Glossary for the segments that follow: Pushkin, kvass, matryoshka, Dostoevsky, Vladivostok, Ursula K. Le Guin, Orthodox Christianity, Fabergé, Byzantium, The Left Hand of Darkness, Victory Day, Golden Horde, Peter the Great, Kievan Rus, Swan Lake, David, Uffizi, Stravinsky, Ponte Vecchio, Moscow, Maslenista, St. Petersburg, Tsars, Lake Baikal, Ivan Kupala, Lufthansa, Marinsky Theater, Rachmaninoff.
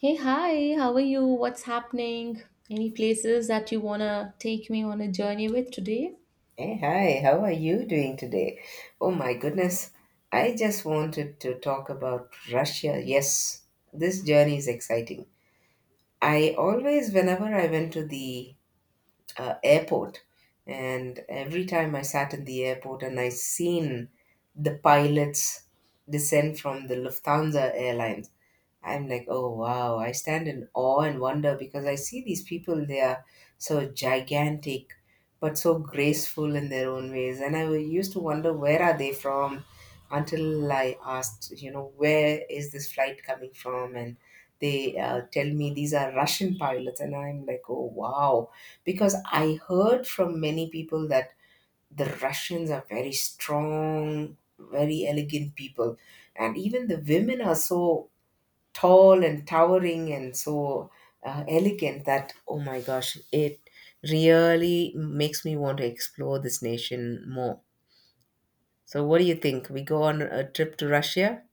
Hey, hi, how are you? What's happening? Any places that you wanna take me on a journey with today? Hey, hi, how are you doing today? Oh my goodness, I just wanted to talk about Russia. Yes, this journey is exciting. I always, whenever I went to the airport and every time I sat in the airport and I seen the pilots descend from the Lufthansa airlines, I'm like, oh wow, I stand in awe and wonder because I see these people, they are so gigantic but so graceful in their own ways. And I used to wonder, where are they from? Until I asked, you know, where is this flight coming from? And they tell me these are Russian pilots, and I'm like, oh wow, because I heard from many people that the Russians are very strong, very elegant people, and even the women are so tall and towering and so elegant that, oh my gosh, it really makes me want to explore this nation more. So, what do you think? We go on a trip to Russia?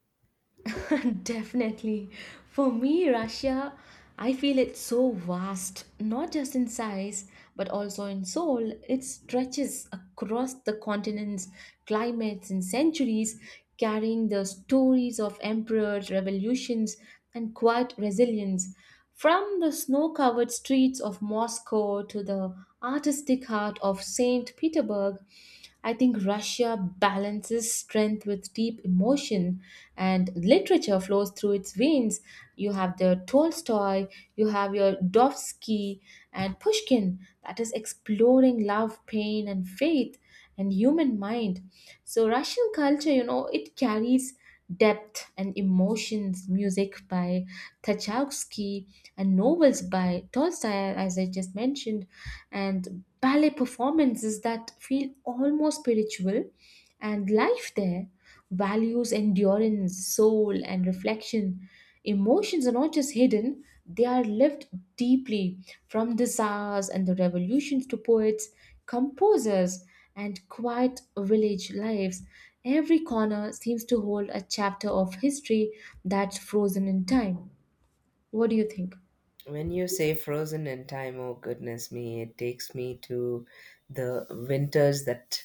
Definitely. For me, Russia, I feel it's so vast, not just in size, but also in soul. It stretches across the continents, climates, and centuries, carrying the stories of emperors, revolutions, and quiet resilience. From the snow covered streets of Moscow to the artistic heart of St. Petersburg, I think Russia balances strength with deep emotion, and literature flows through its veins. You have the Tolstoy, you have your Dostoevsky and Pushkin that is exploring love, pain, and faith and human mind. So Russian culture, you know, it carries depth and emotions, music by Tchaikovsky, and novels by Tolstoy, as I just mentioned, and ballet performances that feel almost spiritual, and life there values endurance, soul, and reflection. Emotions are not just hidden, they are lived deeply from the czars and the revolutions to poets, composers and quiet village lives. Every corner seems to hold a chapter of history that's frozen in time. What do you think? When you say frozen in time, oh goodness me, it takes me to the winters that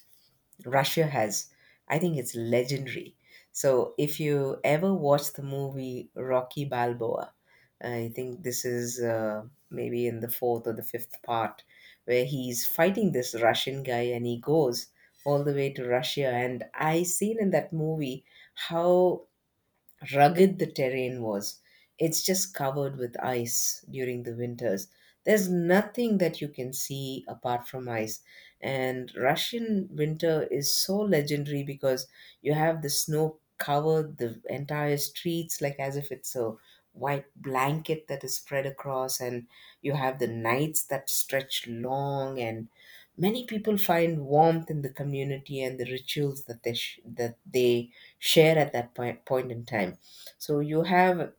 Russia has. I think it's legendary. So, if you ever watch the movie Rocky Balboa, I think this is maybe in the fourth or the fifth part, where he's fighting this Russian guy and he goes all the way to Russia. And I seen in that movie how rugged the terrain was. It's just covered with ice during the winters. There's nothing that you can see apart from ice. And Russian winter is so legendary because you have the snow cover the entire streets like as if it's a white blanket that is spread across, and you have the nights that stretch long, and many people find warmth in the community and the rituals that they that they share at that point in time. So you have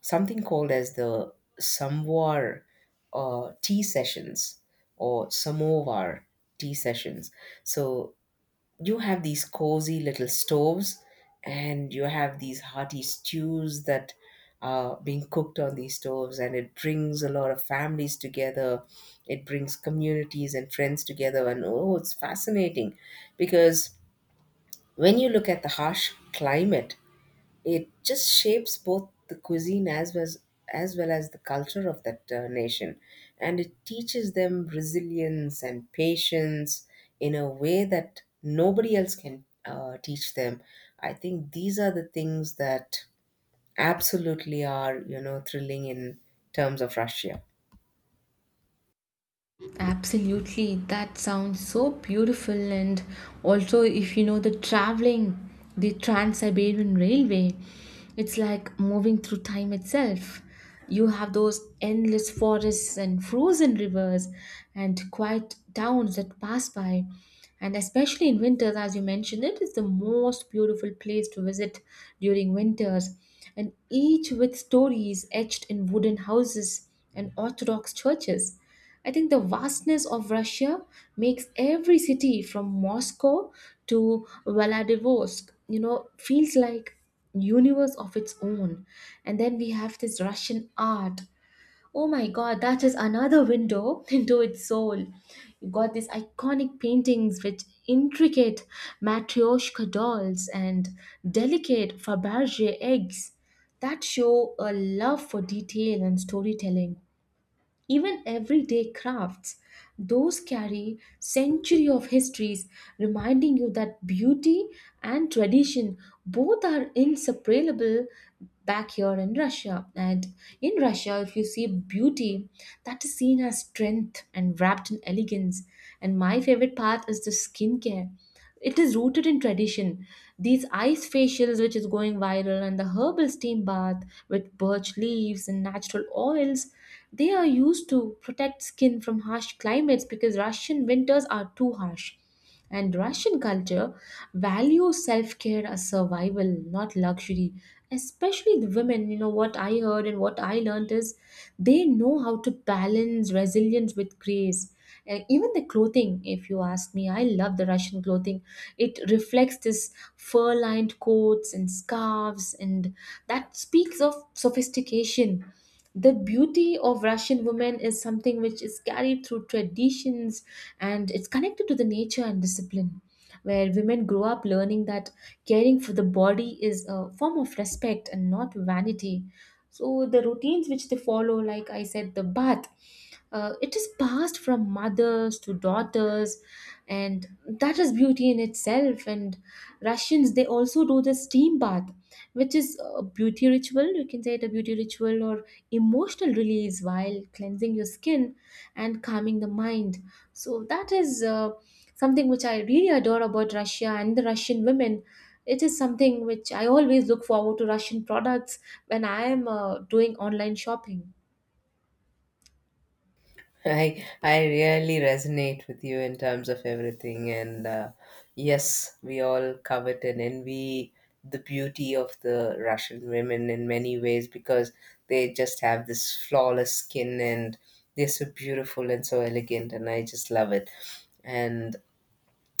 something called as the Samvar tea sessions, or Samovar tea sessions. So you have these cozy little stoves, and you have these hearty stews that are being cooked on these stoves, and it brings a lot of families together, it brings communities and friends together, and oh, it's fascinating because when you look at the harsh climate, it just shapes both the cuisine as well as the culture of that nation. And it teaches them resilience and patience in a way that nobody else can teach them. I think these are the things that absolutely are, you know, thrilling in terms of Russia. Absolutely, that sounds so beautiful. And also, if you know the traveling, the Trans Siberian Railway, it's like moving through time itself. You have those endless forests and frozen rivers and quiet towns that pass by. And especially in winters, as you mentioned, it is the most beautiful place to visit during winters. And each with stories etched in wooden houses and Orthodox churches. I think the vastness of Russia makes every city from Moscow to Vladivostok, you know, feels like universe of its own. And then we have this Russian art. Oh my god, that is another window into its soul. You got these iconic paintings with intricate matryoshka dolls and delicate Fabergé eggs that show a love for detail and storytelling, even everyday crafts those carry century of histories, reminding you that beauty and tradition both are inseparable back here in Russia. And in Russia, if you see, beauty that is seen as strength and wrapped in elegance. And my favorite part is the skincare. It is rooted in tradition. These ice facials, which is going viral, and the herbal steam bath with birch leaves and natural oils, they are used to protect skin from harsh climates because Russian winters are too harsh. And Russian culture values self care as survival, not luxury. Especially the women, you know, what I heard and what I learned is they know how to balance resilience with grace. And even the clothing, if you ask me, I love the Russian clothing. It reflects this fur lined coats and scarves, and that speaks of sophistication. The beauty of Russian women is something which is carried through traditions and it's connected to the nature and discipline, where women grow up learning that caring for the body is a form of respect and not vanity. So, the routines which they follow, like I said, the bath, it is passed from mothers to daughters, and that is beauty in itself. And Russians, they also do the steam bath, which is a beauty ritual. You can say it a beauty ritual or emotional release while cleansing your skin and calming the mind. So that is something which I really adore about Russia and the Russian women. It is something which I always look forward to Russian products when I am doing online shopping. I really resonate with you in terms of everything, and yes, we all covet and envy the beauty of the Russian women in many ways because they just have this flawless skin, and they're so beautiful and so elegant, and I just love it. And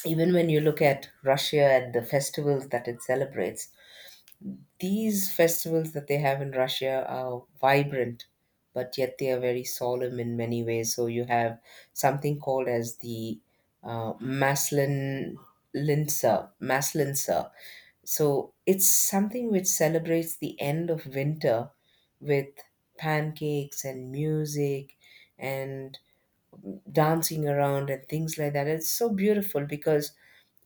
even when you look at Russia, at the festivals that it celebrates, these festivals that they have in Russia are vibrant, but yet they are very solemn in many ways. So you have something called as the uh, Maslin Maslinsa. So it's something which celebrates the end of winter with pancakes and music and dancing around and things like that. It's so beautiful because,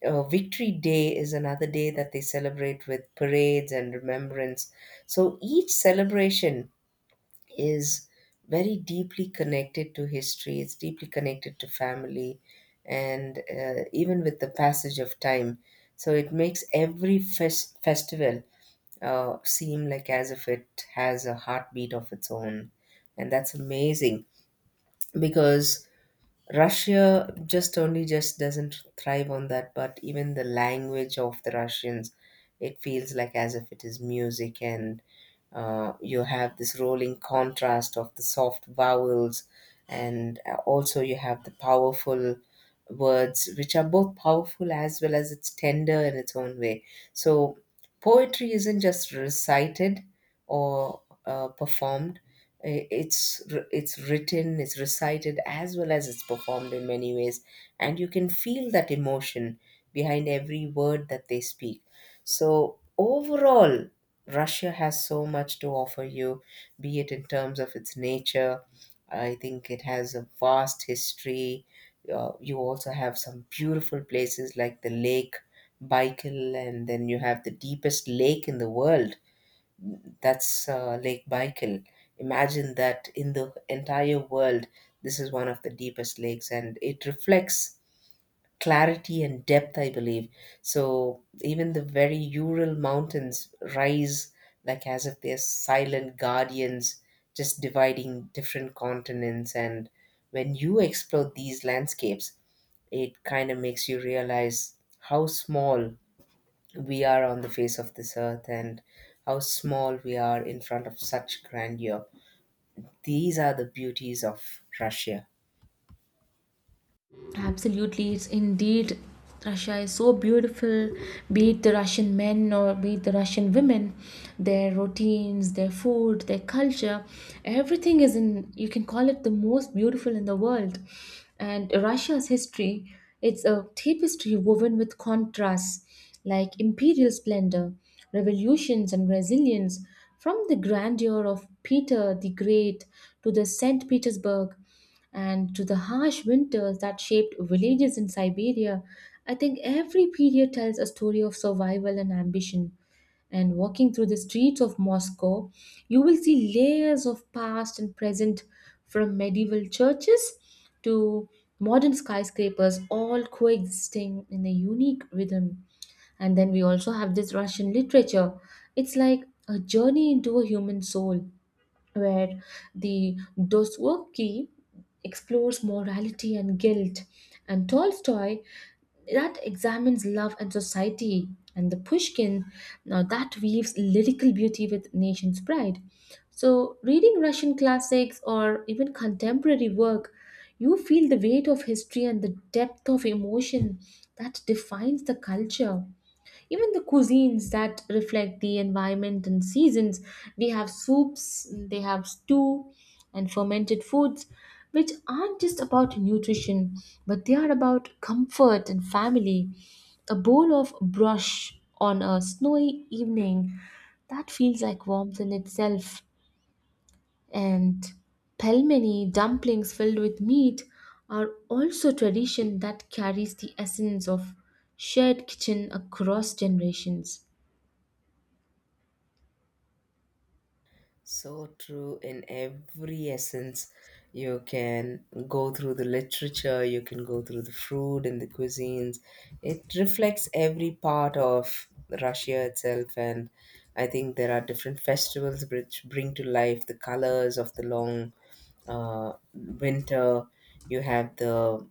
Victory Day is another day that they celebrate with parades and remembrance. So each celebration is very deeply connected to history, it's deeply connected to family, and even with the passage of time. So it makes every festival seem like as if it has a heartbeat of its own. And that's amazing because Russia just only just doesn't thrive on that, but even the language of the Russians, it feels like as if it is music, and you have this rolling contrast of the soft vowels, and also you have the powerful words, which are both powerful as well as it's tender in its own way. So poetry isn't just recited or performed, it's written, it's recited as well as it's performed in many ways, and you can feel that emotion behind every word that they speak. So overall, Russia has so much to offer you, be it in terms of its nature. I think it has a vast history. You also have some beautiful places like the Lake Baikal, and then you have the deepest lake in the world, that's Lake Baikal. Imagine that in the entire world, this is one of the deepest lakes, and it reflects clarity and depth, I believe. So even the very Ural mountains rise like as if they're silent guardians, just dividing different continents. And when you explore these landscapes, it kind of makes you realize how small we are on the face of this earth, and how small we are in front of such grandeur. These are the beauties of Russia. Absolutely, it's indeed Russia is so beautiful, be it the Russian men or be it the Russian women, their routines, their food, their culture, everything is in, you can call it the most beautiful in the world. And Russia's history, it's a tapestry woven with contrasts like imperial splendor, revolutions, and resilience, from the grandeur of Peter the Great to the St. Petersburg. And to the harsh winters that shaped villages in Siberia, I think every period tells a story of survival and ambition. And walking through the streets of Moscow, you will see layers of past and present, from medieval churches to modern skyscrapers, all coexisting in a unique rhythm. And then we also have this Russian literature. It's like a journey into a human soul, where the Dostoevsky explores morality and guilt, and Tolstoy that examines love and society, and the Pushkin now that weaves lyrical beauty with nation's pride. So, reading Russian classics or even contemporary work, you feel the weight of history and the depth of emotion that defines the culture. Even the cuisines that reflect the environment and seasons. We have soups, they have stew, and fermented foods, which aren't just about nutrition, but they are about comfort and family. A bowl of brush on a snowy evening that feels like warmth in itself. And pelmeni, dumplings filled with meat, are also tradition that carries the essence of shared kitchen across generations. So true in every essence. You can go through the literature, you can go through the food and the cuisines. It reflects every part of Russia itself. And I think there are different festivals which bring to life the colors of the long winter. You have the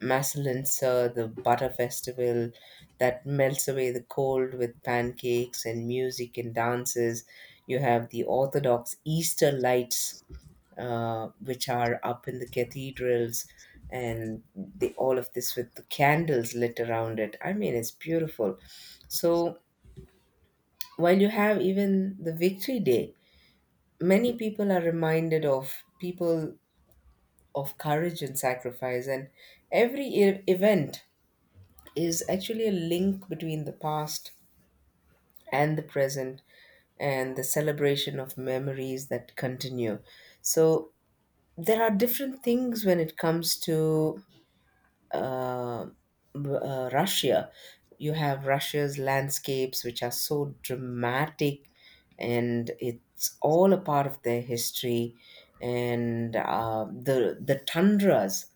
Masalinsa, the butter festival that melts away the cold with pancakes and music and dances. You have the Orthodox Easter lights, which are up in the cathedrals, and all of this with the candles lit around it. I mean, it's beautiful. So while you have even the Victory Day, many people are reminded of people of courage and sacrifice, and every event is actually a link between the past and the present and the celebration of memories that continue. So there are different things when it comes to uh, Russia. You have Russia's landscapes, which are so dramatic, and it's all a part of their history. And the tundras.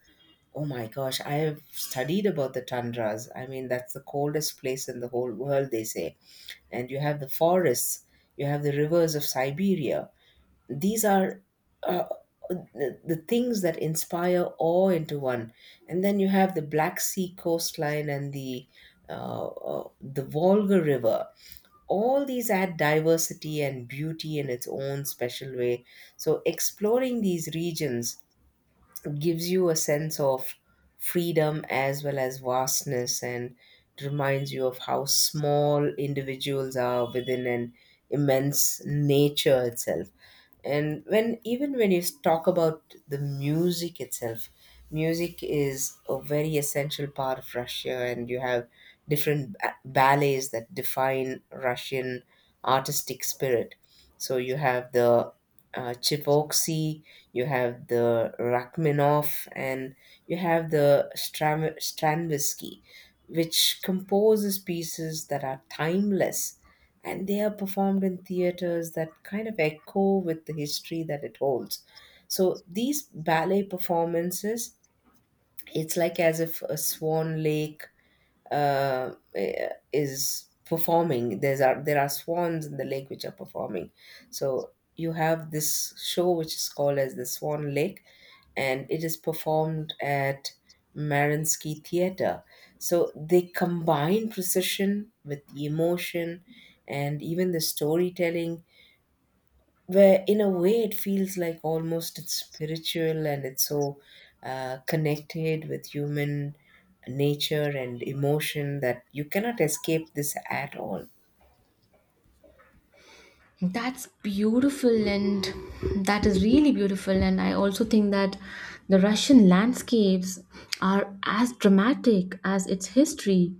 Oh my gosh, I have studied about the tundras. I mean, that's the coldest place in the whole world, they say. And you have the forests, you have the rivers of Siberia. These are uh, the things that inspire awe into one. And then you have the Black Sea coastline and the Volga River. All these add diversity and beauty in its own special way. So exploring these regions gives you a sense of freedom as well as vastness, and it reminds you of how small individuals are within an immense nature itself. And when, even when you talk about the music itself, music is a very essential part of Russia, and you have different ballets that define Russian artistic spirit. So you have the Tchaikovsky, you have the Rachmaninoff, and you have the Stravinsky, which composes pieces that are timeless, and they are performed in theaters that kind of echo with the history that it holds. So these ballet performances, it's like as if a Swan Lake uh, is performing. There's are there are swans in the lake which are performing. So you have this show which is called as the Swan Lake, and it is performed at Marinsky Theater. So they combine precision with the emotion and even the storytelling, where in a way it feels like almost it's spiritual, and it's so connected with human nature and emotion that you cannot escape this at all. That's beautiful, and that is really beautiful. And I also think that the Russian landscapes are as dramatic as its history,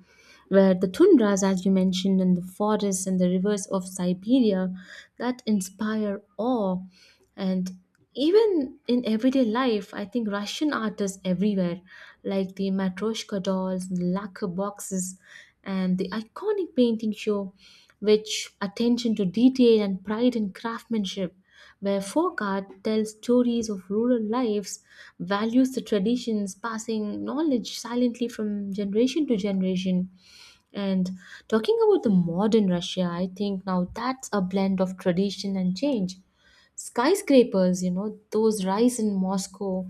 where the tundras, as you mentioned, and the forests and the rivers of Siberia that inspire awe. And even in everyday life, I think Russian art is everywhere, like the matryoshka dolls, lacquer boxes, and the iconic painting show, which attention to detail and pride in craftsmanship, where folk art tells stories of rural lives, values the traditions, passing knowledge silently from generation to generation. And talking about the modern Russia, I think now that's a blend of tradition and change, skyscrapers, you know, those rise in Moscow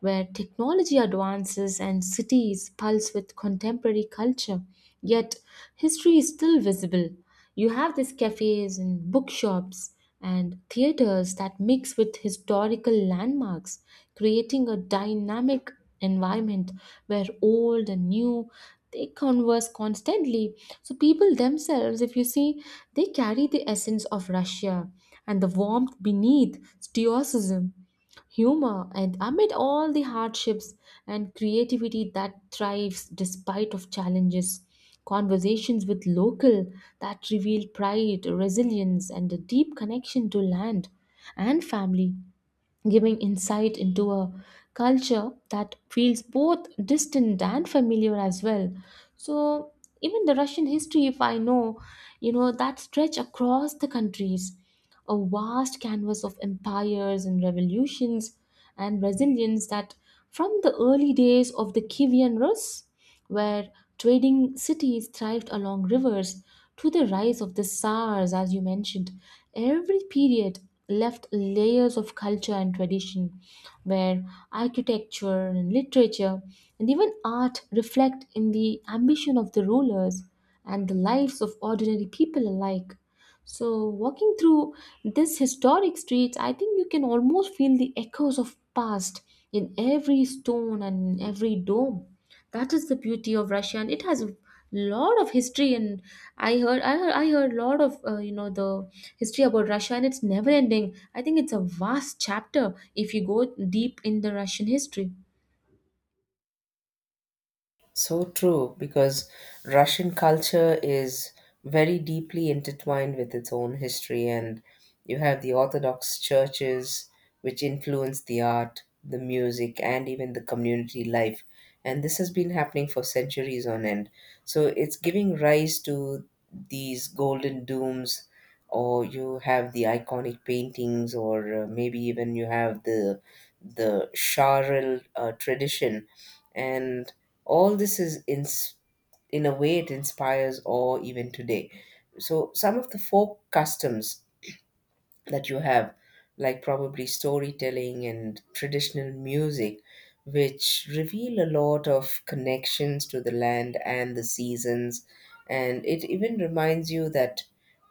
where technology advances and cities pulse with contemporary culture. Yet history is still visible. You have these cafes and bookshops and theaters that mix with historical landmarks, creating a dynamic environment where old and new, they converse constantly. So people themselves, if you see, they carry the essence of Russia, and the warmth beneath stoicism, humor and amid all the hardships, and creativity that thrives despite of challenges, conversations with local that reveal pride, resilience and a deep connection to land and family, giving insight into a culture that feels both distant and familiar as well. So, even the Russian history, if I know, you know, that stretch across the countries, a vast canvas of empires and revolutions and resilience, that from the early days of the Kievan Rus, where trading cities thrived along rivers, to the rise of the Tsars, as you mentioned. Every period left layers of culture and tradition, where architecture and literature and even art reflect in the ambition of the rulers and the lives of ordinary people alike. So, walking through this historic streets, I think you can almost feel the echoes of past in every stone and every dome. That is the beauty of Russia, and it has a lot of history. And I heard a lot of you know, the history about Russia, and it's never ending. I think it's a vast chapter if you go deep in the Russian history. So true, because Russian culture is very deeply intertwined with its own history, and you have the Orthodox churches which influence the art, the music, and even the community life. And this has been happening for centuries on end. So it's giving rise to these golden dooms, or you have the iconic paintings, or maybe even you have the Charil tradition, and all this is in a way it inspires awe even today. So some of the folk customs that you have, like probably storytelling and traditional music, which reveal a lot of connections to the land and the seasons. And it even reminds you that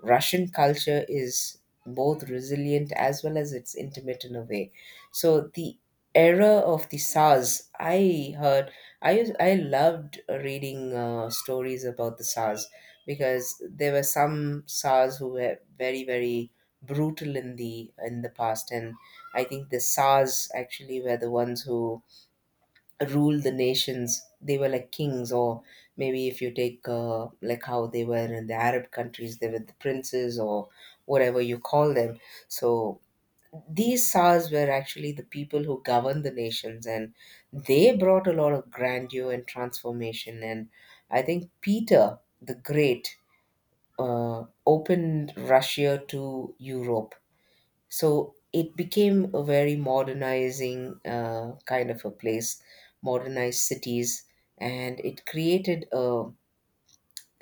Russian culture is both resilient as well as it's intimate in a way. So the era of the SARS, I heard, I loved reading stories about the SARS because there were some SARS who were very, very brutal in the past. And I think the SARS actually were the ones who ruled the nations. They were like kings, or maybe if you take, like how they were in the Arab countries, they were the princes or whatever you call them. So these SARS were actually the people who governed the nations, and they brought a lot of grandeur and transformation. And I think Peter the Great opened Russia to Europe, so it became a very modernizing kind of a place, modernized cities, and it created a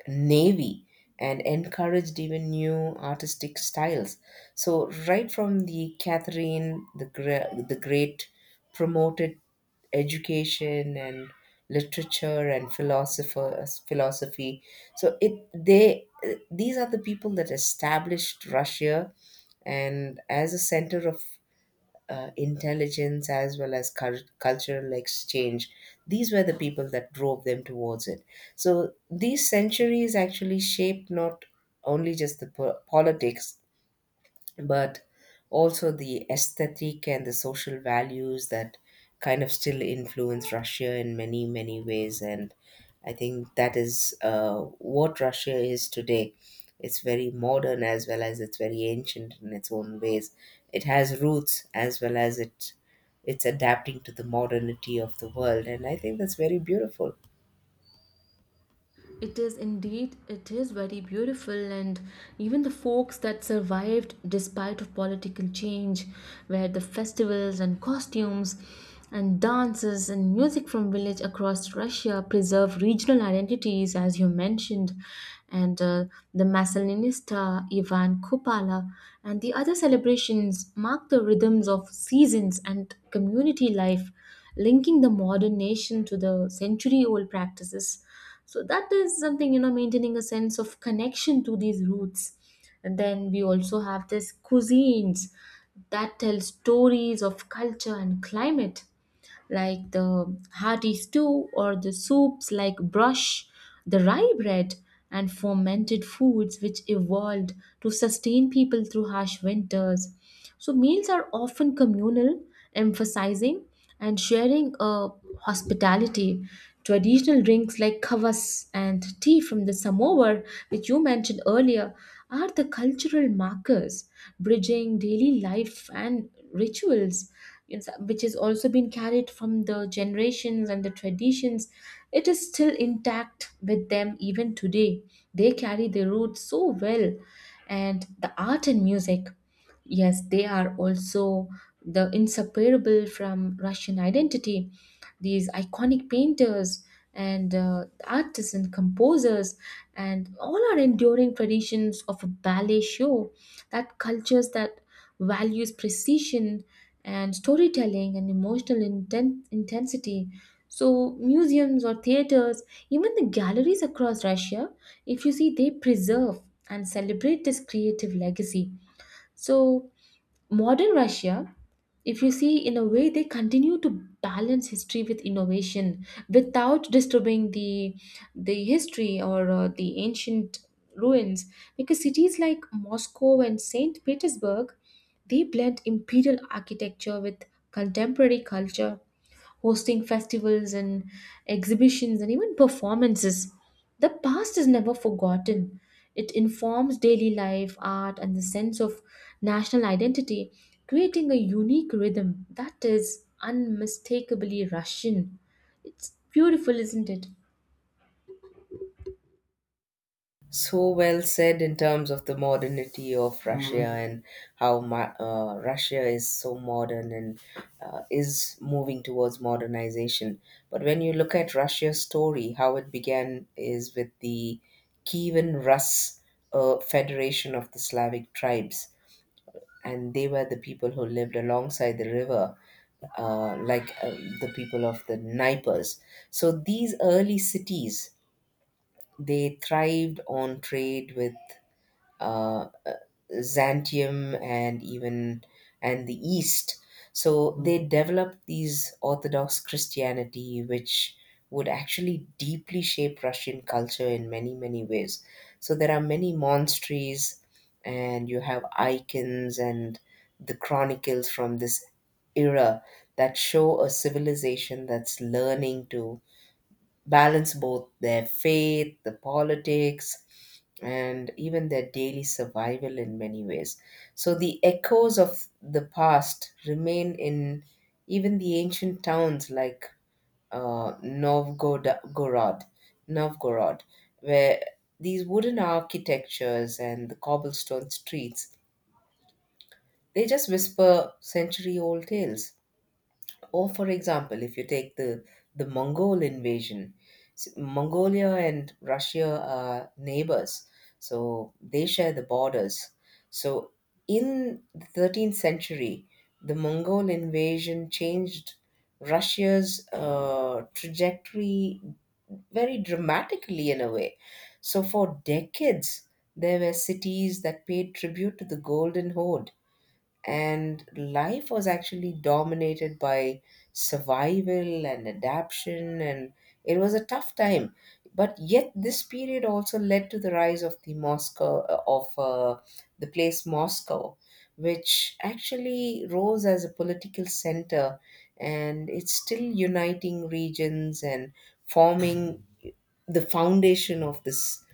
navy and encouraged even new artistic styles. So right from the Catherine the Great promoted education and literature and philosophers philosophy. So it they These are the people that established Russia and as a center of intelligence as well as cultural exchange. These were the people that drove them towards it. So these centuries actually shaped not only just the politics but also the aesthetic and the social values that kind of still influence Russia in many, many ways. And I think that is what Russia is today. It's very modern as well as it's very ancient in its own ways. It has roots as well as it's adapting to the modernity of the world. And I think that's very beautiful. It is indeed, it is very beautiful, and even the folks that survived despite of political change, where the festivals and costumes and dances and music from village across Russia preserve regional identities, as you mentioned, and the Maslenista, Ivan Kupala, and the other celebrations mark the rhythms of seasons and community life, linking the modern nation to the century-old practices. So that is something, you know, maintaining a sense of connection to these roots. And then we also have this cuisines that tell stories of culture and climate, like the hearty stew or the soups like brush, the rye bread, and fermented foods which evolved to sustain people through harsh winters. So, meals are often communal, emphasizing and sharing a hospitality. Traditional drinks like kvass and tea from the samovar, which you mentioned earlier, are the cultural markers bridging daily life and rituals. Which has also been carried from the generations and the traditions. It is still intact with them even today. They carry their roots so well, and the art and music. Yes, they are also the inseparable from Russian identity. These iconic painters and artists and composers and all are enduring traditions of a ballet show that cultures that values precision and storytelling and emotional intensity. So museums or theaters, even the galleries across Russia, if you see, they preserve and celebrate this creative legacy. So, modern Russia, if you see, in a way, they continue to balance history with innovation without disturbing the history or the ancient ruins, because cities like Moscow and St. Petersburg, they blend imperial architecture with contemporary culture, hosting festivals and exhibitions and even performances. The past is never forgotten. It informs daily life, art, and the sense of national identity, creating a unique rhythm that is unmistakably Russian. It's beautiful, isn't it? So well said in terms of the modernity of Russia. Mhm. And how Russia is so modern and is moving towards modernization. But when you look at Russia's story, how it began is with the Kievan Rus, Federation of the Slavic Tribes. And they were the people who lived alongside the river, like the people of the Naipers. So these early cities, they thrived on trade with uh, uh, Byzantium and even and the East. So mm, they developed these Orthodox Christianity, which would actually deeply shape Russian culture in many many ways. So there are many monasteries, and you have icons and the chronicles from this era that show a civilization that's learning to balance both their faith, the politics, and even their daily survival in many ways. So the echoes of the past remain in even the ancient towns like uh, Novgorod, Novgorod, where these wooden architectures and the cobblestone streets they just whisper century-old tales. Or, for example, if you take the Mongol invasion, Mongolia and Russia are neighbors, so they share the borders. So, in the 13th century, the Mongol invasion changed Russia's trajectory very dramatically in a way. So, for decades, there were cities that paid tribute to the Golden Horde and life was actually dominated by survival and adaptation and it was a tough time but yet this period also led to the rise of the moscow of the place Moscow, which actually rose as a political center and it's still uniting regions and forming the foundation of this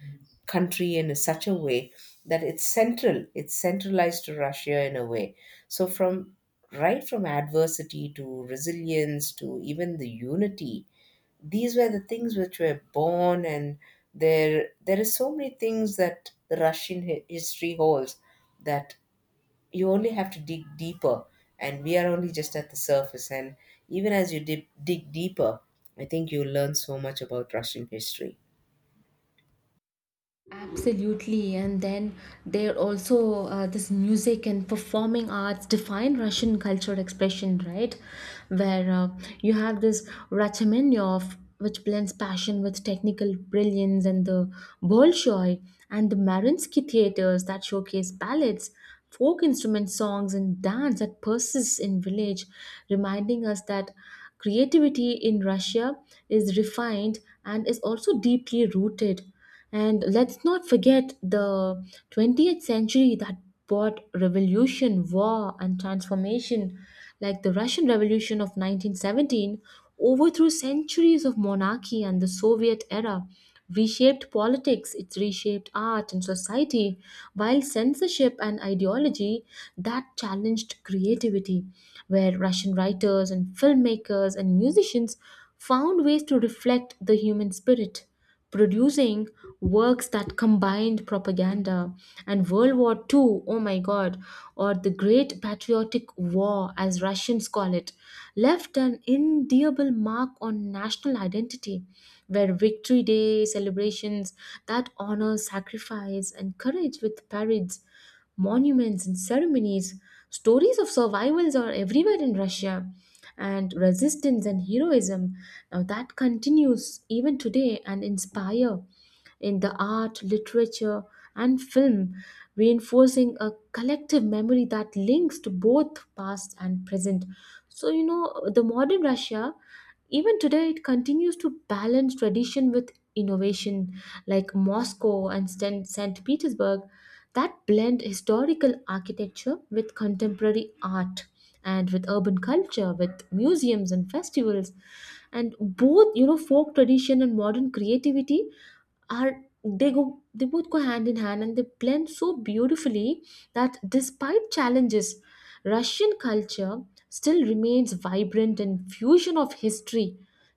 country in such a way that it's centralized to Russia in a way. So from, right from adversity to resilience to even the unity, these were the things which were born. And there is so many things that the Russian history holds that you only have to dig deeper and we are only just at the surface. And even as you dig deeper, I think you learn so much about Russian history. Absolutely, and then there also this music and performing arts define Russian cultural expression, right? Where you have this Rachmaninoff, which blends passion with technical brilliance, and the Bolshoi and the Mariinsky theaters that showcase ballads, folk instrument songs, and dance that persists in village, reminding us that creativity in Russia is refined and is also deeply rooted. And let's not forget the 20th century that brought revolution, war, and transformation, like the Russian Revolution of 1917, overthrew centuries of monarchy and the Soviet era, reshaped politics, it reshaped art and society, while censorship and ideology that challenged creativity, where Russian writers and filmmakers and musicians found ways to reflect the human spirit, producing works that combined propaganda and World War Two. Oh my god, or the Great Patriotic War, as Russians call it, left an indelible mark on national identity, where Victory Day celebrations that honor sacrifice and courage with parades, monuments, and ceremonies. Stories of survivals are everywhere in Russia, and resistance and heroism. Now that continues even today and inspire in the art, literature, and film, reinforcing a collective memory that links to both past and present. So, you know, the modern Russia, even today, it continues to balance tradition with innovation, like Moscow and St. Petersburg that blend historical architecture with contemporary art and with urban culture with museums and festivals, and both, you know, folk tradition and modern creativity are, they go, they both go hand in hand, and they blend so beautifully that despite challenges, Russian culture still remains vibrant and fusion of history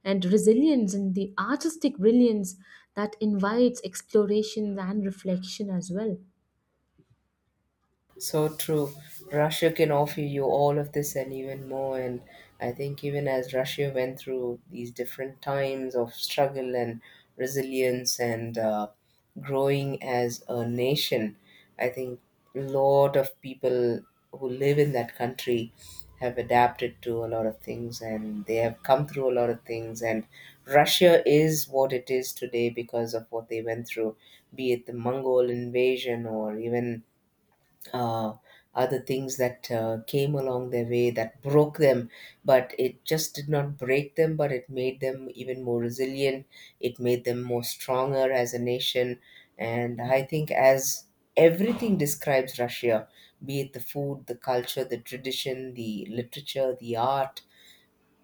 and resilience and the artistic brilliance that invites exploration and reflection as well. So true. Russia can offer you all of this and even more. And I think even as Russia went through these different times of struggle and resilience and growing as a nation, I think a lot of people who live in that country have adapted to a lot of things and they have come through a lot of things. And Russia is what it is today because of what they went through, be it the Mongol invasion or even uh, other things that came along their way that broke them, but it just did not break them, but it made them even more resilient. It made them more stronger as a nation. And I think as everything describes Russia, be it the food, the culture, the tradition, the literature, the art,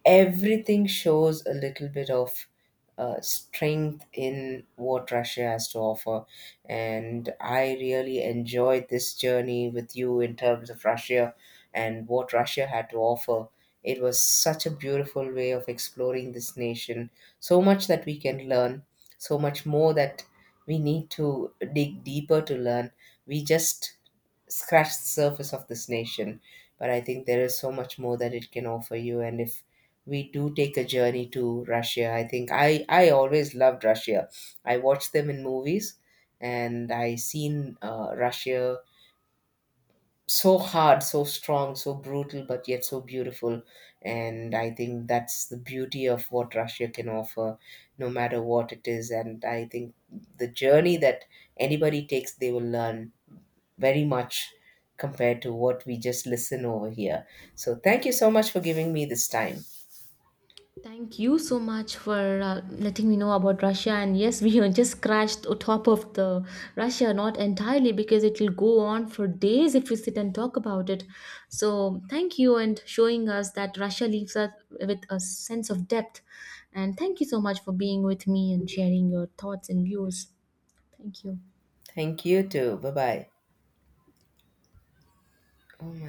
everything shows a little bit of strength in what Russia has to offer. And I really enjoyed this journey with you in terms of Russia and what Russia had to offer. It was such a beautiful way of exploring this nation. So much that we can learn, so much more that we need to dig deeper to learn. We just scratched the surface of this nation but I think there is so much more that it can offer you. And if we do take a journey to Russia. I think I always loved Russia. I watched them in movies, and I seen Russia so hard, so strong, so brutal, but yet so beautiful. And I think that's the beauty of what Russia can offer, no matter what it is. And I think the journey that anybody takes, they will learn very much compared to what we just listen over here. So thank you so much for giving me this time. Thank you so much for letting me know about Russia. And yes, we are just scratched the top of the Russia, not entirely because it will go on for days if we sit and talk about it. So thank you and showing us that Russia leaves us with a sense of depth. And thank you so much for being with me and sharing your thoughts and views. Thank you. Thank you too. Bye bye. Oh my